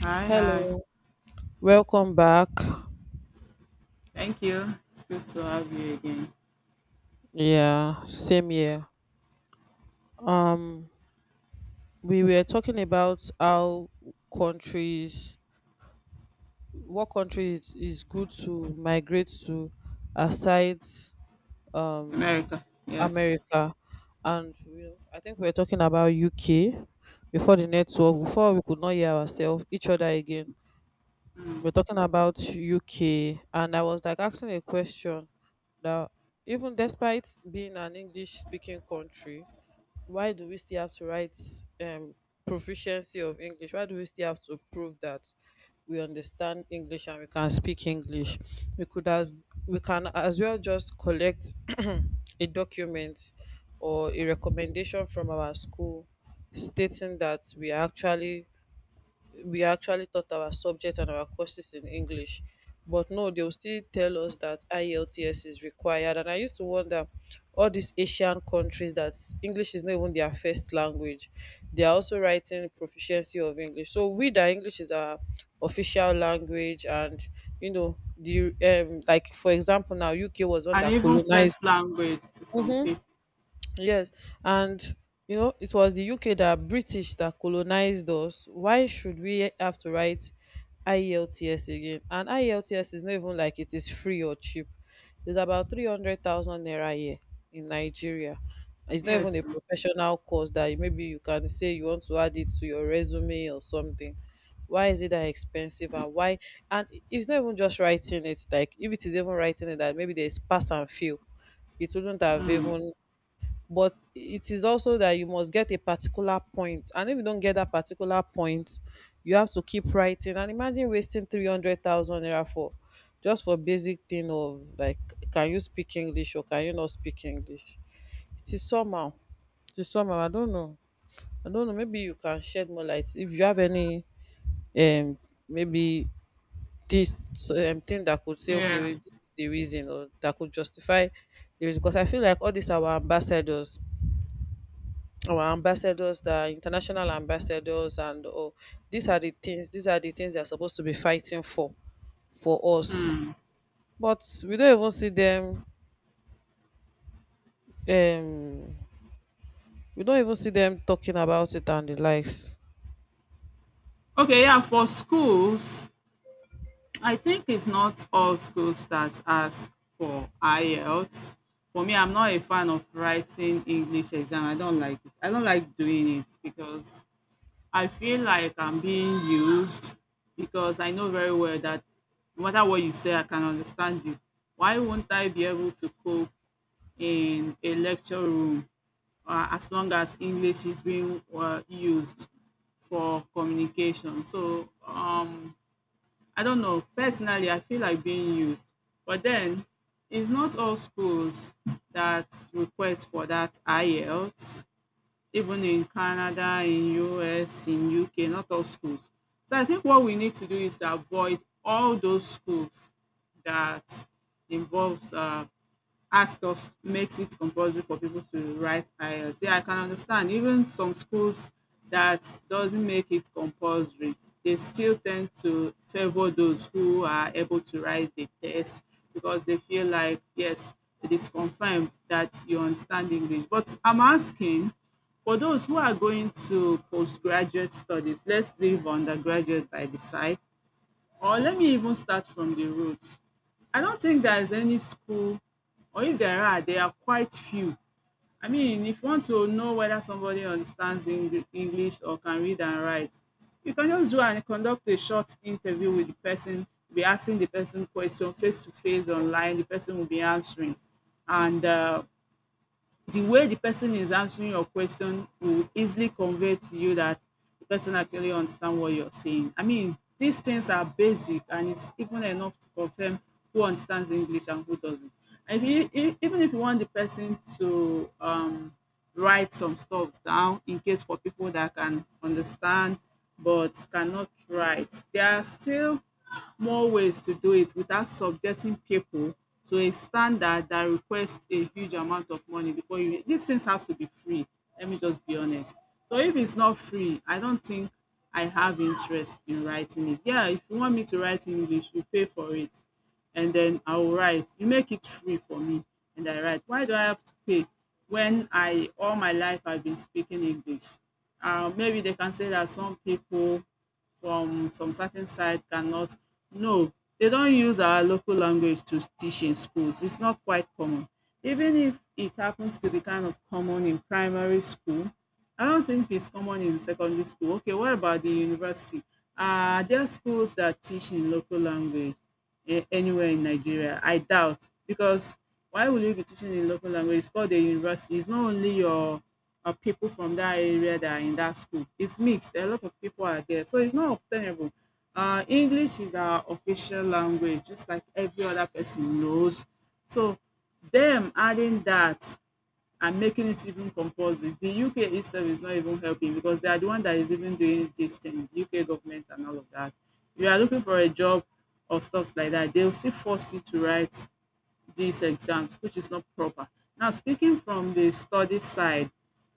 Hi, hi. Hello, welcome back. Thank you. It's good to have you again. Yeah, same here. Um, we were talking about how countries, what country it is good to migrate to, aside um America, yes. America, and I think we are talking about UK before the network. Before, we could not hear ourselves, each other again. Mm. We're talking about UK, and I was like asking a question. Now, even despite being an English speaking country, why do we still have to write um, proficiency of English? Why do we still have to prove that we understand English and we can speak English? We could have, we can as well just collect a document or a recommendation from our school stating that we are actually we actually taught our subject and our courses in English. But no, they'll still tell us that IELTS is required. And I used to wonder, all these Asian countries that English is not even their first language, they are also writing proficiency of English. So we that English is our official language and you know the like for example now, UK was one And that even first colonized. language to some Mhm. people. Yes, and you know, it was the UK that British that colonized us. Why should we have to write IELTS again? And IELTS is not even like it is free or cheap. It's about 300,000 naira a year in Nigeria. It's not even Yes. a sir. professional course that maybe you can say you want to add it to your resume or something. Why is it that expensive, and why? And it's not even just writing it, like if it is even writing it, that maybe there's pass and fail, it wouldn't have even, but it is also that you must get a particular point, and if you don't get that particular point, you have to keep writing and imagine wasting 300,000 naira for just for basic thing of like, can you speak English or can you not speak English? It is somehow it is somehow, I don't know. I don't know, maybe you can shed more light if you have any um maybe this thing that could say, okay Yeah. wait, this is the reason or that could justify the reason. Because I feel like all these our ambassadors, the international ambassadors and all, these are the things, they're supposed to be fighting for us. Mm. But we don't even see them, um we don't even see them talking about it and the likes. Okay, yeah, for schools, I think it's not all schools that ask for IELTS. For me, I'm not a fan of writing English exam. I don't like it. I don't like doing it because I feel like I'm being used because I know very well that no matter what you say, I can understand you. Why won't I be able to cope in a lecture room as long as English is being used for communication? So, I don't know. Personally, I feel like being used. But then it's not all schools that request for that IELTS even in Canada, in US, in UK, not all schools. So I think what we need to do is to avoid all those schools that involves ask us makes it compulsory for people to write IELTS. Yeah, I can understand. Even some schools that doesn't make it compulsory, they still tend to favor those who are able to write the test because they feel like, yes, it is confirmed that you understand English. But I'm asking for those who are going to postgraduate studies, let's leave undergraduate by the side. Or let me even start from the roads. I don't think there is any school or if there are, they are quite few. I mean, if you want to know whether somebody understands English or can read and write, you can just go and conduct a short interview with the person, be asking the person question face to face online, the person will be answering. And the way the person is answering your question will easily convey to you that the person actually understand what you're saying. I mean, these things are basic and it's even enough to confirm who understands English and who doesn't. And if you, e, even if you want the person to write some stuff down in case for people that can understand but cannot write, there are still more ways to do it without subjecting people to a standard that request a huge amount of money before you these things has to be free, let me just be honest. So if it's not free, I don't think I have interest in writing it. Yeah, if you want me to write English, you pay for it and then I will write. You make it free for me and I write. Why do I have to pay when I all my life I've been speaking English? Um, maybe they can say that some people from some certain side cannot. No, they don't use our local language to teach in schools. It's not quite common. Even if it happens to be kind of common in primary school, I don't think it's common in secondary school. Okay, what about the university? Are there schools that teach in local language anywhere in Nigeria? I doubt, because why will you be teaching in local language? It's called a university. It's not only your people from that area that are in that school. It's mixed. A lot of people are there, so it's not obtainable. English is our official language, just like every other person knows. So them adding that and making it even compulsory. The UK itself is not even helping because they are the one that is even doing this thing, UK government and all of that. If you are looking for a job or stuff like that, they'll still force you to write these exams, which is not proper. Now, speaking from the study side,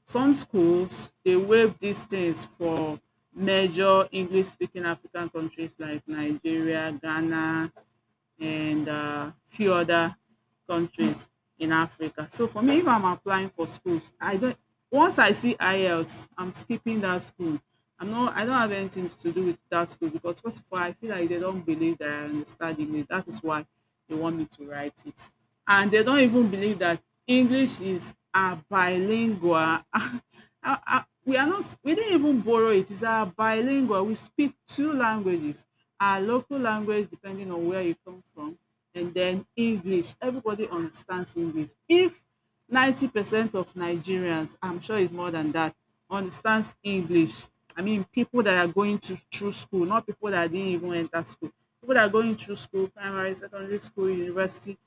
some schools they waive these things for major English speaking African countries like Nigeria, Ghana, and few other countries in Africa. So for me, if I'm applying for schools, I don't. Once I see IELTS, I'm skipping that school. I'm not. I don't have anything to do with that school because first of all, I feel like they don't believe that I understand English. That is why they want me to write it. And they don't even believe that English is our bilingual. We are not, we didn't even borrow it. It's our bilingual. We speak two languages, our local language, depending on where you come from, and then English. Everybody understands English. If 90% of Nigerians, I'm sure it's more than that, understands English. I mean, people that are going to through school, not people that didn't even enter school. People that are going through school, primary, secondary school, university,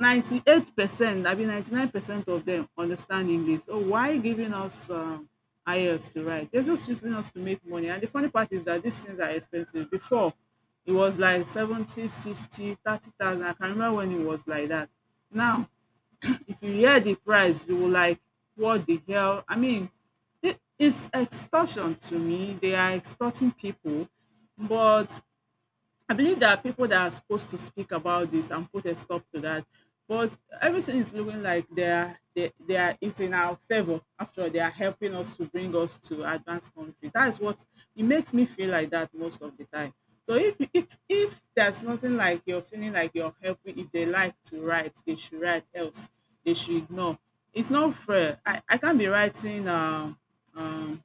98%, I mean 99% of them understand English. So why giving us IELTS to write? They're just using us to make money. And the funny part is that these things are expensive. Before, it was like 70, 60, 30,000. I can remember when it was like that. Now, if you hear the price, you will like, what the hell? I mean, it's extortion to me. They are extorting people. But I believe there are people that are supposed to speak about this and put a stop to that. But everything is looking like they are it's in our favor. After all, they are helping us to bring us to advanced country. That is what it makes me feel like that most of the time. So if there's nothing like you're feeling like you're helping, if they like to write, they should write. Else, they should ignore. It's not fair. I can't be writing um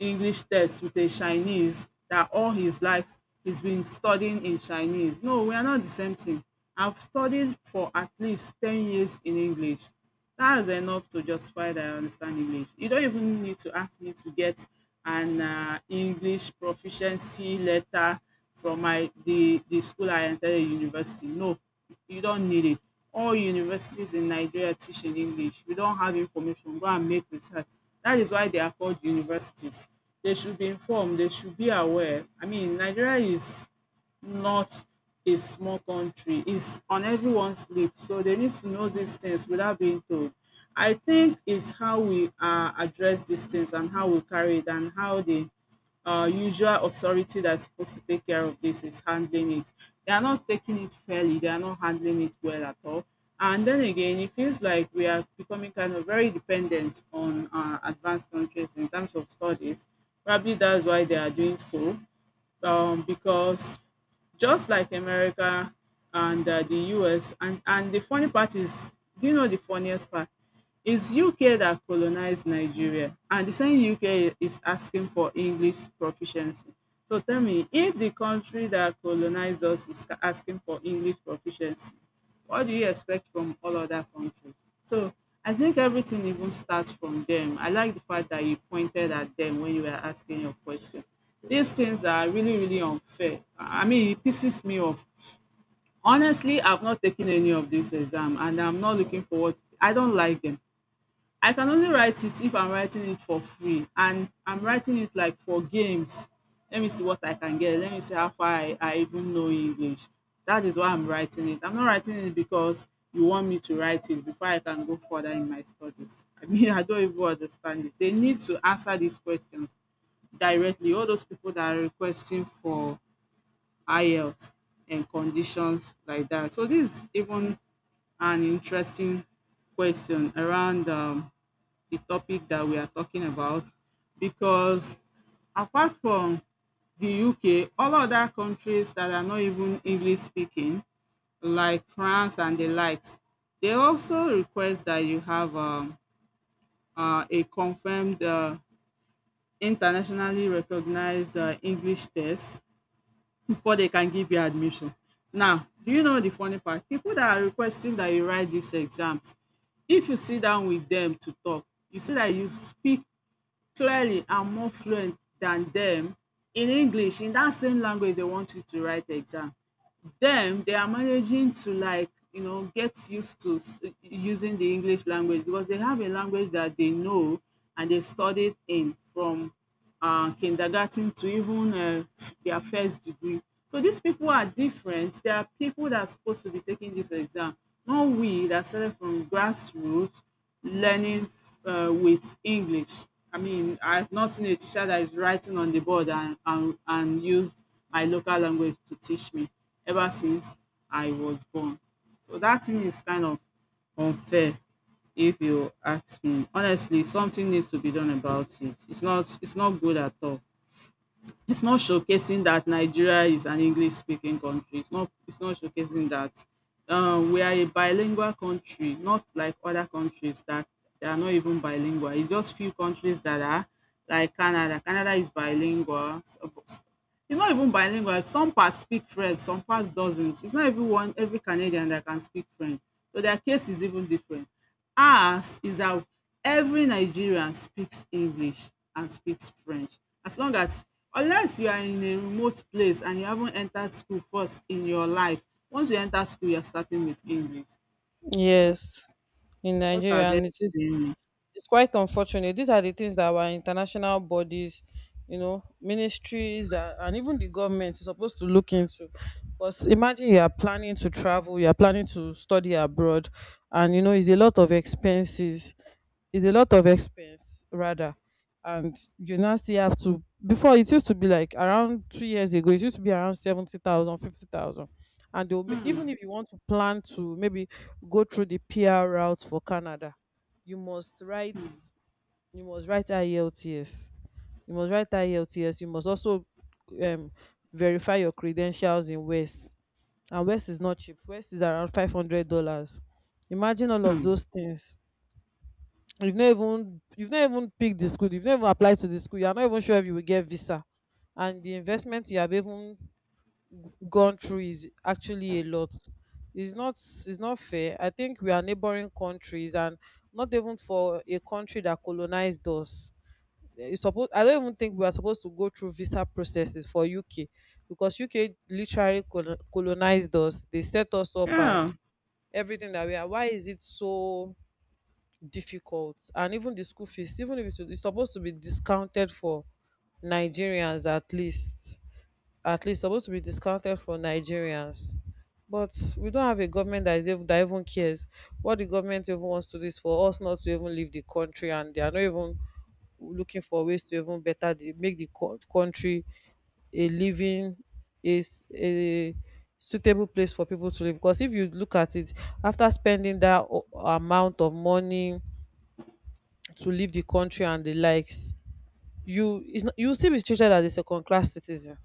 English text with a Chinese that all his life he's been studying in Chinese. No, we are not the same thing. I've studied for at least 10 years in English. That's enough to justify that I understand English. You don't even need to ask me to get an English proficiency letter from my the school I entered a university. No, you don't need it. All universities in Nigeria teach in English. We don't have information, go and make research. That is why they are called universities. They should be informed, they should be aware. I mean, Nigeria is not a small country, it's on everyone's lips. So they need to know these things without being told. I think it's how we address these things and how we carry it and how they usual authority that's supposed to take care of this is handling it. They are not taking it fairly, they are not handling it well at all. And then again, it feels like we are becoming kind of very dependent on advanced countries in terms of studies. Probably that's why they are doing so, because just like America and the US, and the funny part is, do you know the funniest part? It's UK that colonized Nigeria, and the same UK is asking for English proficiency. So tell me, if the country that colonized us is asking for English proficiency, what do you expect from all other countries? So I think everything even starts from them. I like the fact that you pointed at them when you were asking your question. These things are really, really unfair. I mean, it pisses me off. Honestly, I've not taken any of this exam and I'm not looking forward to I don't like them. I can only write it if I'm writing it for free and I'm writing it like for games. Let me see what I can get. Let me see how far I even know English. That is why I'm writing it. I'm not writing it because you want me to write it before I can go further in my studies. I mean, I don't even understand it. They need to answer these questions directly. All those people that are requesting for IELTS and conditions like that. So this is even an interesting question around the topic that we are talking about because apart from the UK, all other countries that are not even English speaking, like France and the likes, they also request that you have a confirmed, internationally recognized English test before they can give you admission. Now, do you know the funny part? People that are requesting that you write these exams, if you sit down with them to talk, you see that you speak clearly and more fluent than dem in English in dat same language dey want you to write the exam. Them they are managing to get used to using the English language because they have a language that they know and they studied in from kindergarten to even their first degree. So these people are different. There are people that are supposed to be taking this exam, not we that started from grassroots learning with English. I mean, I've not seen a teacher that is writing on the board and and used my local language to teach me ever since I was born. So that thing is kind of unfair if you ask me. Honestly, something needs to be done about it. It's not good at all. It's not showcasing that Nigeria is an English speaking country. It's not showcasing that we are a bilingual country, not like other countries that they are not even bilingual. It's just few countries that are like Canada. Canada is bilingual. It's not even bilingual. Some parts speak French, some parts doesn't. It's not everyone, every Canadian that can speak French, so their case is even different. Ours is that every Nigerian speaks English and speaks French. As long as, unless you are in a remote place and you haven't entered school first in your life, once you enter school, you're starting with English. So Yes, in what are Nigeria, they and it is saying? it's quite unfortunate. These are the things that our international bodies, you know, ministries, and even the government is supposed to look into. Because imagine you are planning to travel, you are planning to study abroad, and you know, it's a lot of expenses. It's a lot of expense, rather. And you now still have to, before, it used to be like around 2 years ago, it used to be around 70,000, 50,000. Mm, Even hmm. if you want to plan to maybe go through the PR routes for Canada, you must write, you must write IELTS you must write IELTS, you must also um, verify your credentials in West, and West is not cheap. West is around $500. Imagine all of Hmm. those things. You've not even picked the school, you've not even applied to the school, you are not even sure if you will get visa, and the investment you have even gone through is actually a lot. It's not, it's not fair. I think we are neighboring countries, and not even for a country that colonized us. Eh, it's supposed, I don't even think we are supposed to go through visa processes for UK, because UK literally colonized us. They set us up and Yeah. everything that we are. Why is it so difficult? And even the school fees, even if it's supposed to be discounted for Nigerians, at least supposed to be discounted for Nigerians. But we don't have a government that is even, that even cares. What the government even wants to do is for us not to even leave the country, and they are not even looking for ways to even better make the country a living is a suitable place for people to live. Because if you look at it, after spending that amount of money to leave the country and the likes, you will still be treated as a second class citizen.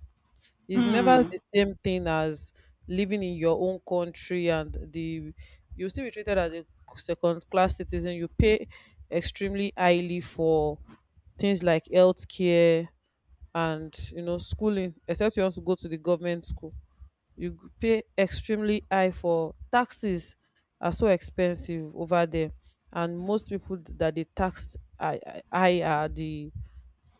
It's never Mm, the same thing as living in your own country, and the you'll still be treated as a second class citizen. You pay extremely highly for things like healthcare and you know schooling, except you want to go to the government school. You pay extremely high for taxes, are so expensive over there. And most people that they tax high high are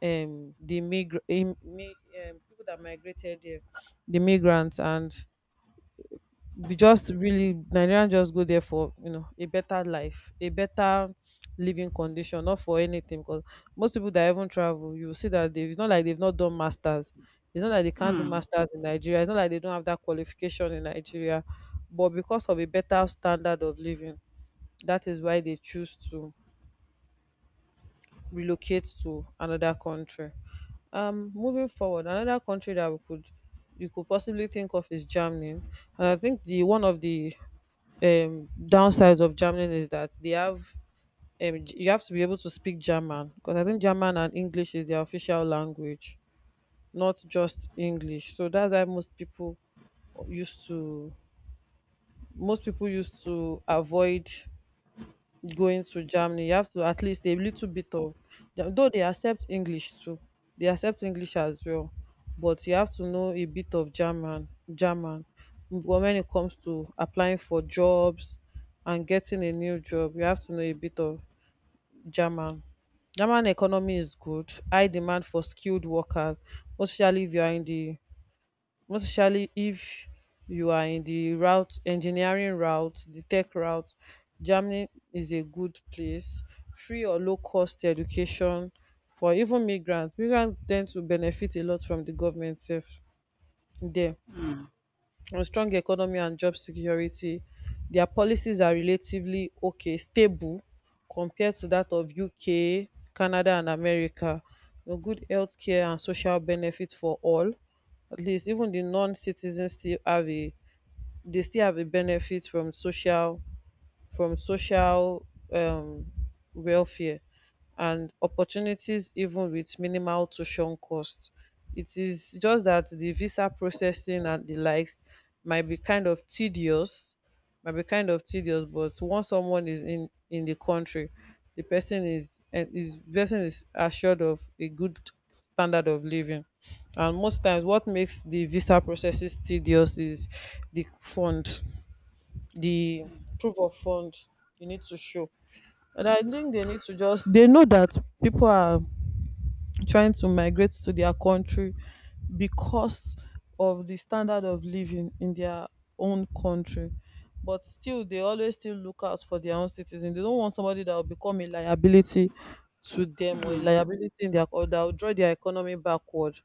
the migra- im- mi- people that migrated there, the migrants, and we just really Nigerians just go there for you know a better life, a better living condition, not for anything. Because most people that even travel, you see that they it's not like they've not done masters. It's not like they can't do mm. masters in Nigeria. It's not like they don't have that qualification in Nigeria, but because of a better standard of living, that is why they choose to relocate to another country. Moving forward, another country that we could you could possibly think of is Germany, and I think the one of the downsides of Germany is that they have you have to be able to speak German, because I think German and English is their official language, not just English. So that's why used to most people used to avoid going to Germany. You have to at least a little bit of though they accept English too. They accept English as well, but you have to know a bit of German. But when it comes to applying for jobs and getting a new job, you have to know a bit of German. German economy is good, high demand for skilled workers, especially if you are in the most especially if you are in the route engineering route, the tech route. Germany is a good place. Free or low cost education for even migrant ten d to benefit a lot from the government sef there, on strong economy and job security. Their policies are relatively okay, stable compared to that of UK, Canada, and America. You know, good healthcare and social benefits for all. At least even the non-citizens still have a they still have a benefit from social um, welfare and opportunities even with minimal tuition costs. It is just that the visa processing and the likes might be kind of tedious, might be kind of tedious, but once someone is in the country, the person is and is person is assured of a good standard of living. And most times what makes the visa processes tedious is the fund the proof of fund you need to show. And I think they need to just, they know that people are trying to migrate to their country because of the standard of living in their own country, but still they always still look out for their own citizens. They don't want somebody that will become a liability to them, or a liability in their, or that will draw their economy backward.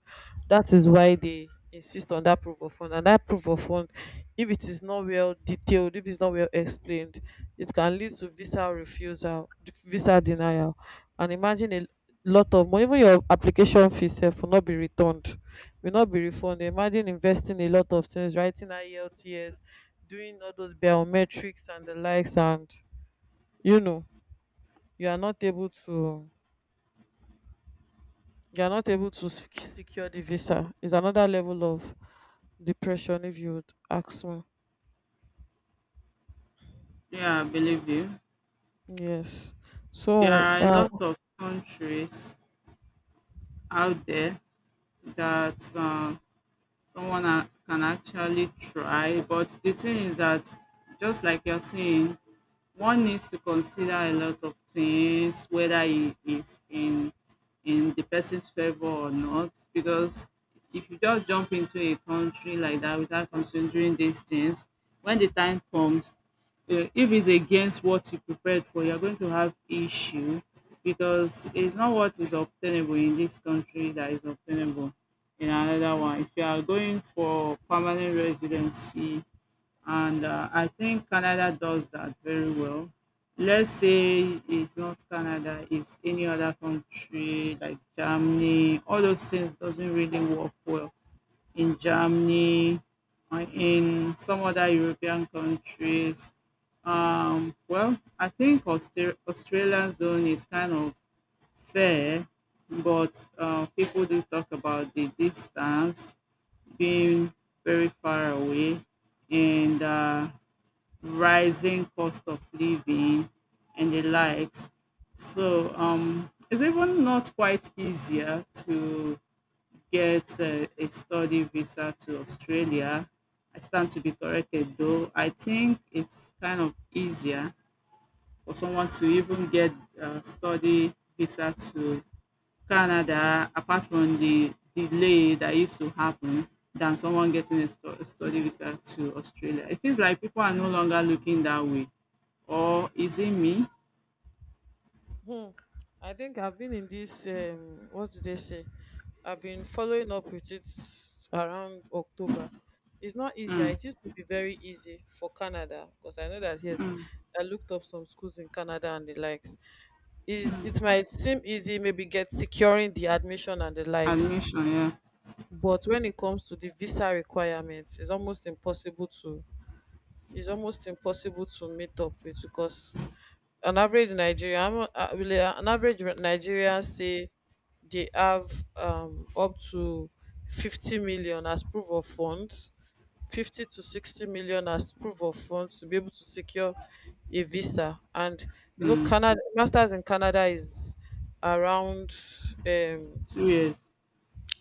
That is why they insist on that proof of fund. And that proof of fund, if it is not well detailed, if it's not well explained, it can lead to visa refusal, visa denial. And imagine a lot of money, even your application fee sef will not be returned, will not be refunded. Imagine investing a lot of things, writing IELTS, doing all those biometrics and the likes, and you know, you are not able to you are not able to secure the visa, is another level of depression if you would ask me. Yeah, I believe you. Yes, There so are a lot of countries out there that someone can actually try. But the thing is that, just like you're saying, one needs to consider a lot of things, whether it is in the person's favor or not, because if you just jump into a country like that without considering these things, when the time comes, if it's against what you prepared for, you're going to have issue because it's not what is obtainable in this country that is obtainable in another one. If you are going for permanent residency, and I think Canada does that very well. Let's say it's not Canada, it's any other country like Germany. All those things doesn't really work well in Germany, in some other European countries. Well, I think Australian zone is kind of fair, but people do talk about the distance being very far away and rising cost of living and the likes. So it's even not quite easier to get a study visa to Australia. I stand to be corrected though. I think it's kind of easier for someone to even get a study visa to Canada, apart from the delay that used to happen, than someone getting a, a study visa to Australia. It feels like people are no longer looking that way, or is it me? hmm. I think I've been in this. What do they say? I've been following up with it around October. It's not easier. It used to be very easy for Canada, because I know that yes, I looked up some schools in Canada and the likes. Is it might seem easy, maybe get securing the admission and the likes, Admission, yeah. but when it comes to the visa requirements, it's almost impossible to. It's almost impossible to meet up with, because an average Nigerian, an average Nigerian say they have up to 50 million as proof of funds, 50 to 60 million as proof of funds to be able to secure a visa. And you know, Hmm. Canada, masters in Canada is around um, 2 years.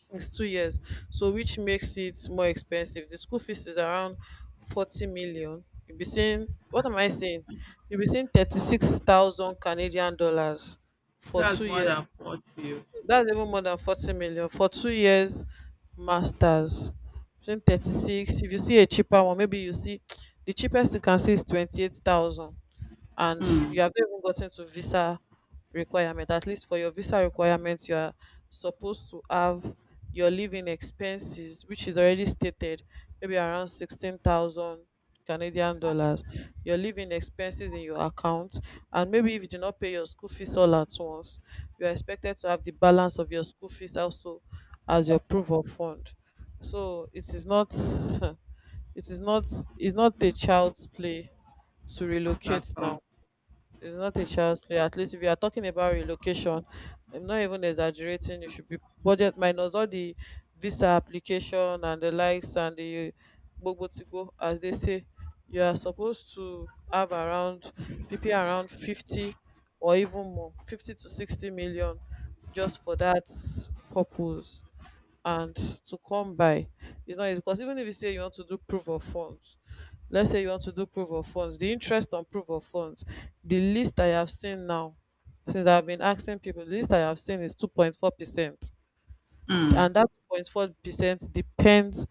it's 2 years, so which makes it more expensive. The school fees is around 40 million. You'll be seeing what am I saying? You'll be seeing 36,000 Canadian dollars for two That's more years. than 40. Oh. That's even more than 40 million for 2 years masters. Between 36. If you see a cheaper one, maybe you see the cheapest you can see is 28,000, and you have not even gotten to visa requirement. At least for your visa requirements, you are supposed to have your living expenses, which is already stated, maybe around 16,000 Canadian dollars, your living expenses in your account. And maybe if you do not pay your school fees all at once, you are expected to have the balance of your school fees also as your proof of fund. So it is not it is not it's not a child's play to Not at relocate now. all. It's not a child's play. At least if you are talking about relocation, I'm not even exaggerating. You should be budget minus all the visa application and the likes and the gbogbo to go, as they say. You are supposed to have around PP, around 50, or even more, 50 to 60 million just for that purpose, and to come by. It's not easy, because even if you say you want to do proof of funds, let's say you want to do proof of funds, the interest on proof of funds, the least I have seen now, since I've been asking people, the least I have seen is 2.4%. Hmm. And that 2.4% depends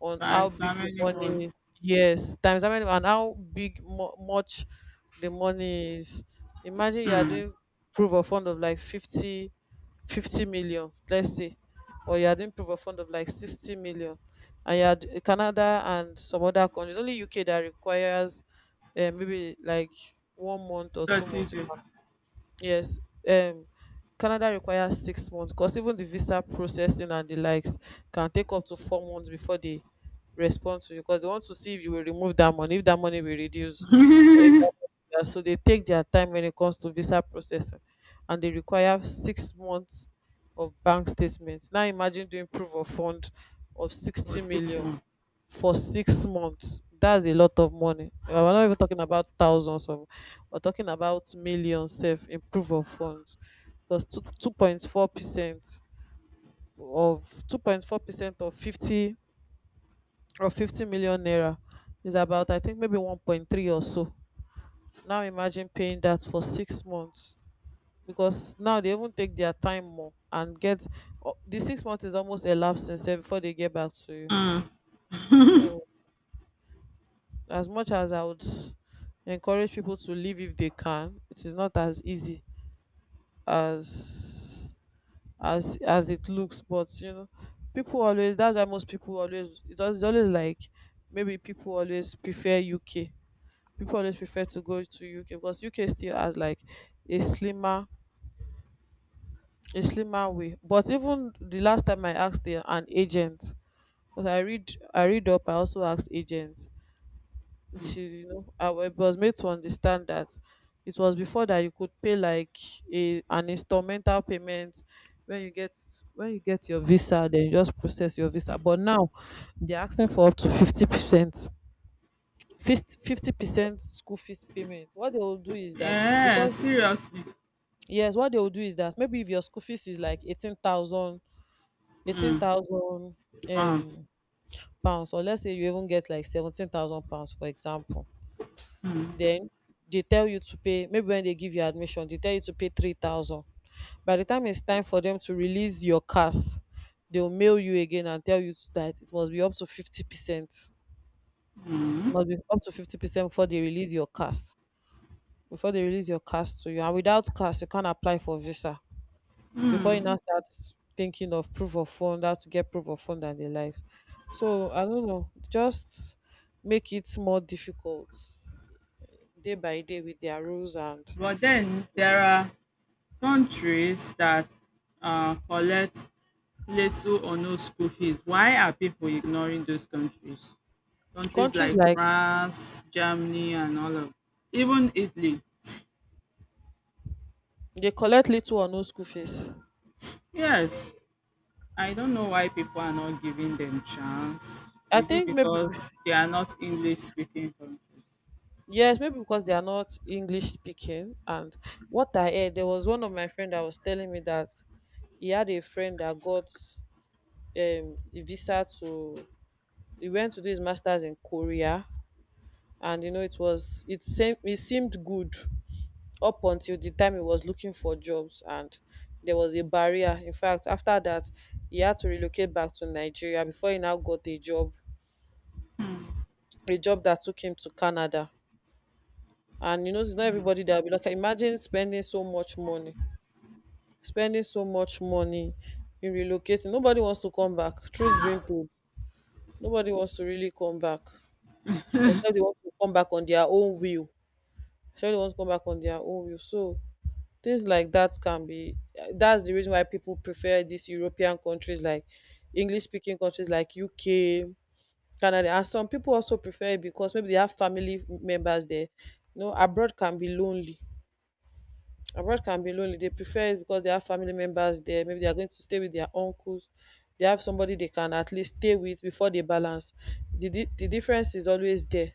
on how Times how big the many money is. months? Yes, times how many and how big much the money is. Imagine you are doing proof of fund of like 50 million, let's say, or you are doing proof of fund of like 60 million. And you are Canada and some other countries, only UK, that requires maybe like 1 month or two 30 months days. Yes, um, Canada requires 6 months, because even the visa processing and the likes can take up to 4 months before they respond to you, because they want to see if you will remove that money, if that money will reduce, or if that money, yeah, so they take their time when it comes to visa processing, and they require 6 months of bank statements. Now imagine doing proof of fund of For sixty 6 million months. for 6 months. That's a lot of money. We're not even talking about thousands of we're talking about millions. Self in of funds, because two point four percent of 2.4% of 50 or 50 million naira is about, I think, maybe 1.3 or so. Now imagine paying that for 6 months, because now they even take their time more and get, oh, the 6 months is almost elapsing since before they get back to you. So as much as I would encourage people to leave if they can, it is not as easy as it looks. But you know, people always, that's why most people always, it's always, like, maybe people always prefer UK. People always prefer to go to UK because UK still has like a slimmer a slimmer way. But even the last time I asked an agent, because I read up, I also asked agents. She, you know, was made to understand that it was before that you could pay like a an instrumental payment. when you get when you get your visa, then you just process your visa, but now they're asking for up to 50% school fees payment. What they will do is that, Yeah, because, seriously. yes, what they will do is that, maybe if your school fees is like 18,000 Pounds. um pounds, or let's say you even get like £17,000, for example. Then they tell you to pay, maybe when they give you admission, they tell you to pay 3,000. By the time it's time for them to release your cars, they'll mail you again and tell you that it must be up to 50%. It must be up to 50% before they release your cars. Before they release your cars to you. And without cars, you can't apply for visa. Before you now start thinking of proof of fund, how to get proof of fund and the likes. So I don't know. Just make it more difficult day by day with their rules and But then there are countries that collect little or no school fees. Why are people ignoring those countries? Countries countries like like. France, Germany, and all of, even Italy. They collect little or no school fees. Yes, I don't know why people are not giving them chance. I Is it think maybe, because they are not English speaking countries? yes, maybe because they are not English speaking. And what I heard, there was one of my friend that was telling me that he had a friend that got a visa to, he went to do his masters in Korea, and you know it was, it seemed good up until the time he was looking for jobs, and there was a barrier. In fact, after that, he had to relocate back to Nigeria before he now got a job that took him to Canada. And you know, it's not everybody that will be like, imagine spending so much money in relocating. Nobody wants to come back, truth being told. Nobody wants to really come back, except they want to come back on their own will, except they want to come back on their own will. So things like that can be, that's the reason why people prefer these European countries, like English speaking countries like UK, Canada. And some people also prefer it because maybe they have family members there. You know, abroad can be lonely. Abroad can be lonely. They prefer it because they have family members there. Maybe they are going to stay with their uncles. They have somebody they can at least stay with before they balance. The difference is always there.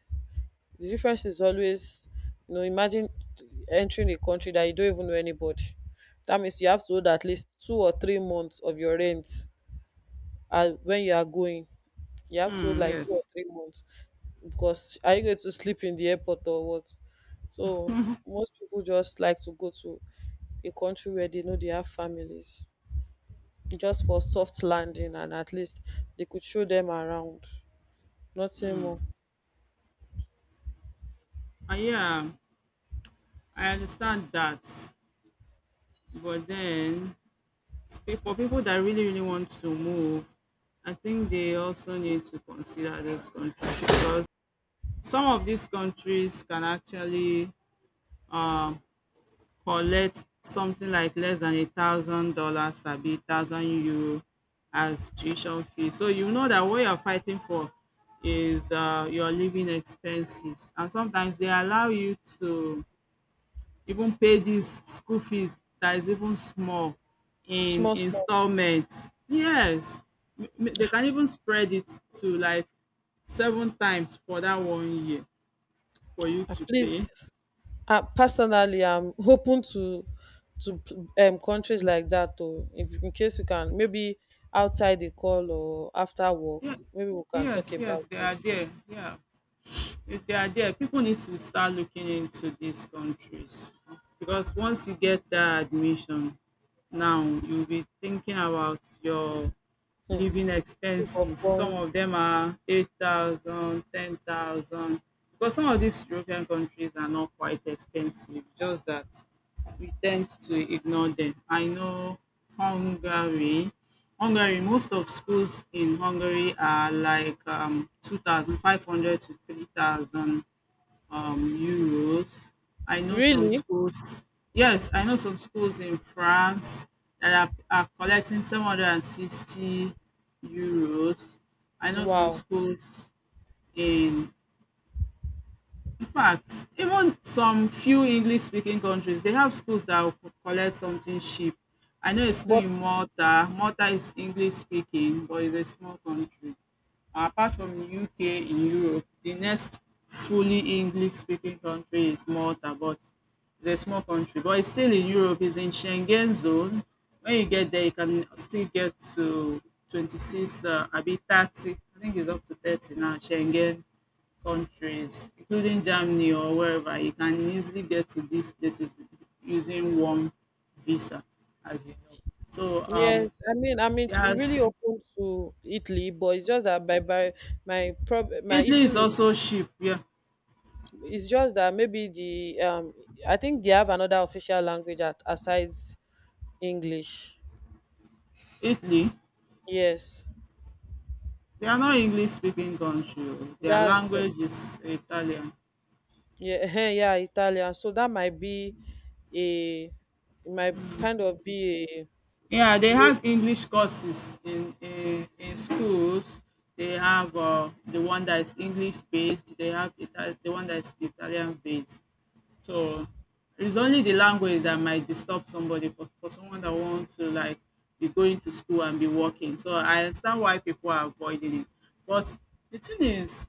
The difference is always, imagine entering a country that you don't even know anybody. That means you have to hold at least 2 or 3 months of your rent when you are going. You have to hold Hmm, like two or yes. three months. Because are you going to sleep in the airport or what? So most people just like to go to a country where they know they have families, just for soft landing, and at least they could show them around. Nothing more. Yeah, I understand that. But then, for people that really, really want to move, I think they also need to consider those countries because some of these countries can actually um, collect something like less than $1,000 sabi €1,000 as tuition fee, so you know that what you're fighting for is your living expenses, and sometimes they allow you to even pay these school fees that is even small in Small, small. installments. Yes. They can even spread it to like seven times for that one year for you to Please, pay. Personally, I'm open to countries like that. Though, if in case you can, maybe outside the call or after work, Yeah. maybe we can Yes, talk yes, about they it. are there. Yeah. If they are there, people need to start looking into these countries because once you get that admission, now you'll be thinking about your Hmm. living Proof of expenses. Some funds. of them are 8,000, 10,000, because some of these European countries are not quite expensive, just that we tend to ignore them. I know Hungary. Hungary, most of schools in Hungary are like 2,500 to 3,000 euros. I know some Really? schools, yes, I know some schools in France that are, are collecting 760 euros. I know some Wow. schools in in fact, even some few English speaking countries, they have schools that will collect something cheap. I know a school But. in Malta. Malta is English speaking, but it's a small country. Apart from the UK in Europe, the next fully English speaking country is Malta, but it's a small country. But it's still in Europe, it's in Schengen zone. When you get there, you can still get to 26, a bit 30. I think it's up to 30 now, Schengen countries, including Germany or wherever. You can easily get to these places using one visa, as you know. So Yes, I mean, really there's open to Italy, but it's just that by my prob my Italy issue is with also cheap. Yeah, is just that maybe the I think they have another official language at asides English. Italy. Yes, They are not English speaking country. Oh. Their that's, language is Italian. yeah yeah, Italian. So that might be a it might kind of be Yeah, they a way. have English courses in schools. They have the one that is English based. They have the one that is Italian based. So it's only the language that might disturb somebody for someone that wants to like be going to school and be working. So I understand why people are avoiding it. But the thing is,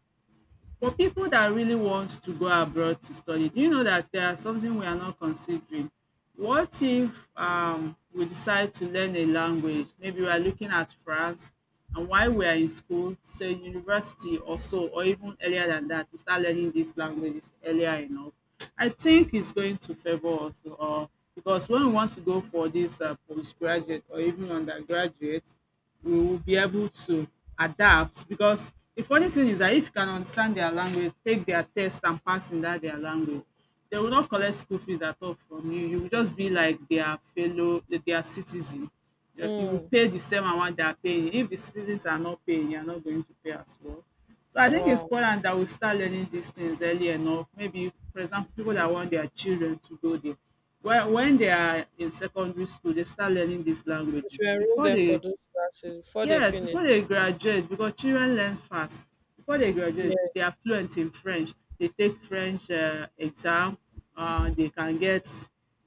for people that really wants to go abroad to study, do you know that there are something we are not considering? What if we decide to learn a language? Maybe we are looking at France, and while we are in school, say university or so, or even earlier than that, we start learning these languages earlier enough. I think it's going to favor us, or because when we want to go for this postgraduate or even undergraduate, we will be able to adapt, because the funny thing is that if you can understand their language, take their test and pass in that their language, they will not collect school fees at all from you. You will just be like their fellow, their citizen. You will Mm, pay the same amount they are paying. If the citizens are not paying, you are not going to pay as well. So I think it's wow, important that we start learning these things early enough. Maybe, for example, people that want their children to go there. Well, when they are in secondary school, they start learning these you should languages enroll before them for they, those classes before they yes, finish. before they graduate, because children learn fast. Before they graduate, they Yes. are fluent in French. They take French exam, um, they can get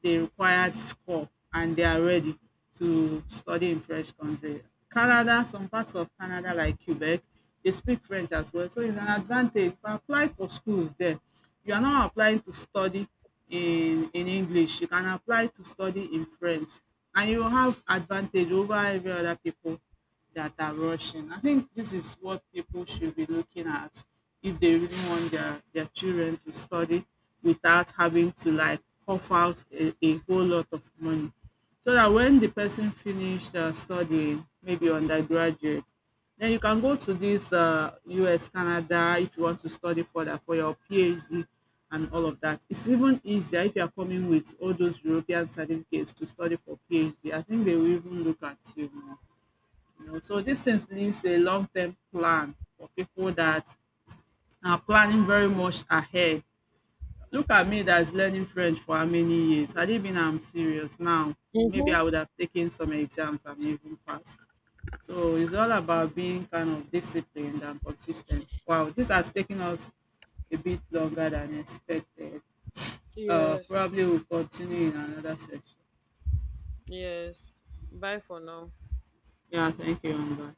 the required score and they are ready to study in French country. Canada, some parts of Canada like Quebec, they speak French as well. So it's an advantage. If you apply for schools there, you are not applying to study in English. You can apply to study in French and you will have advantage over every other people that are rushing. I think this is what people should be looking at if they really want their children to study without having to like cough out a whole lot of money. So that when the person finished studying, maybe undergraduate, then you can go to this US, Canada, if you want to study further for your PhD and all of that. It's even easier if you are coming with all those European certificates to study for PhD. I think they will even look at you more. You know, so these things needs a long-term plan for people that are planning very much ahead. Look at me that's learning French for how many years. Had it been I'm serious now, maybe I Mm-hmm. would have taken some exams and even passed. So it's all about being kind of disciplined and consistent. Wow, this has taken us a bit longer than expected. Yes. Probably we'll continue in another section. Yes. Bye for now. Yeah, thank you, Amber.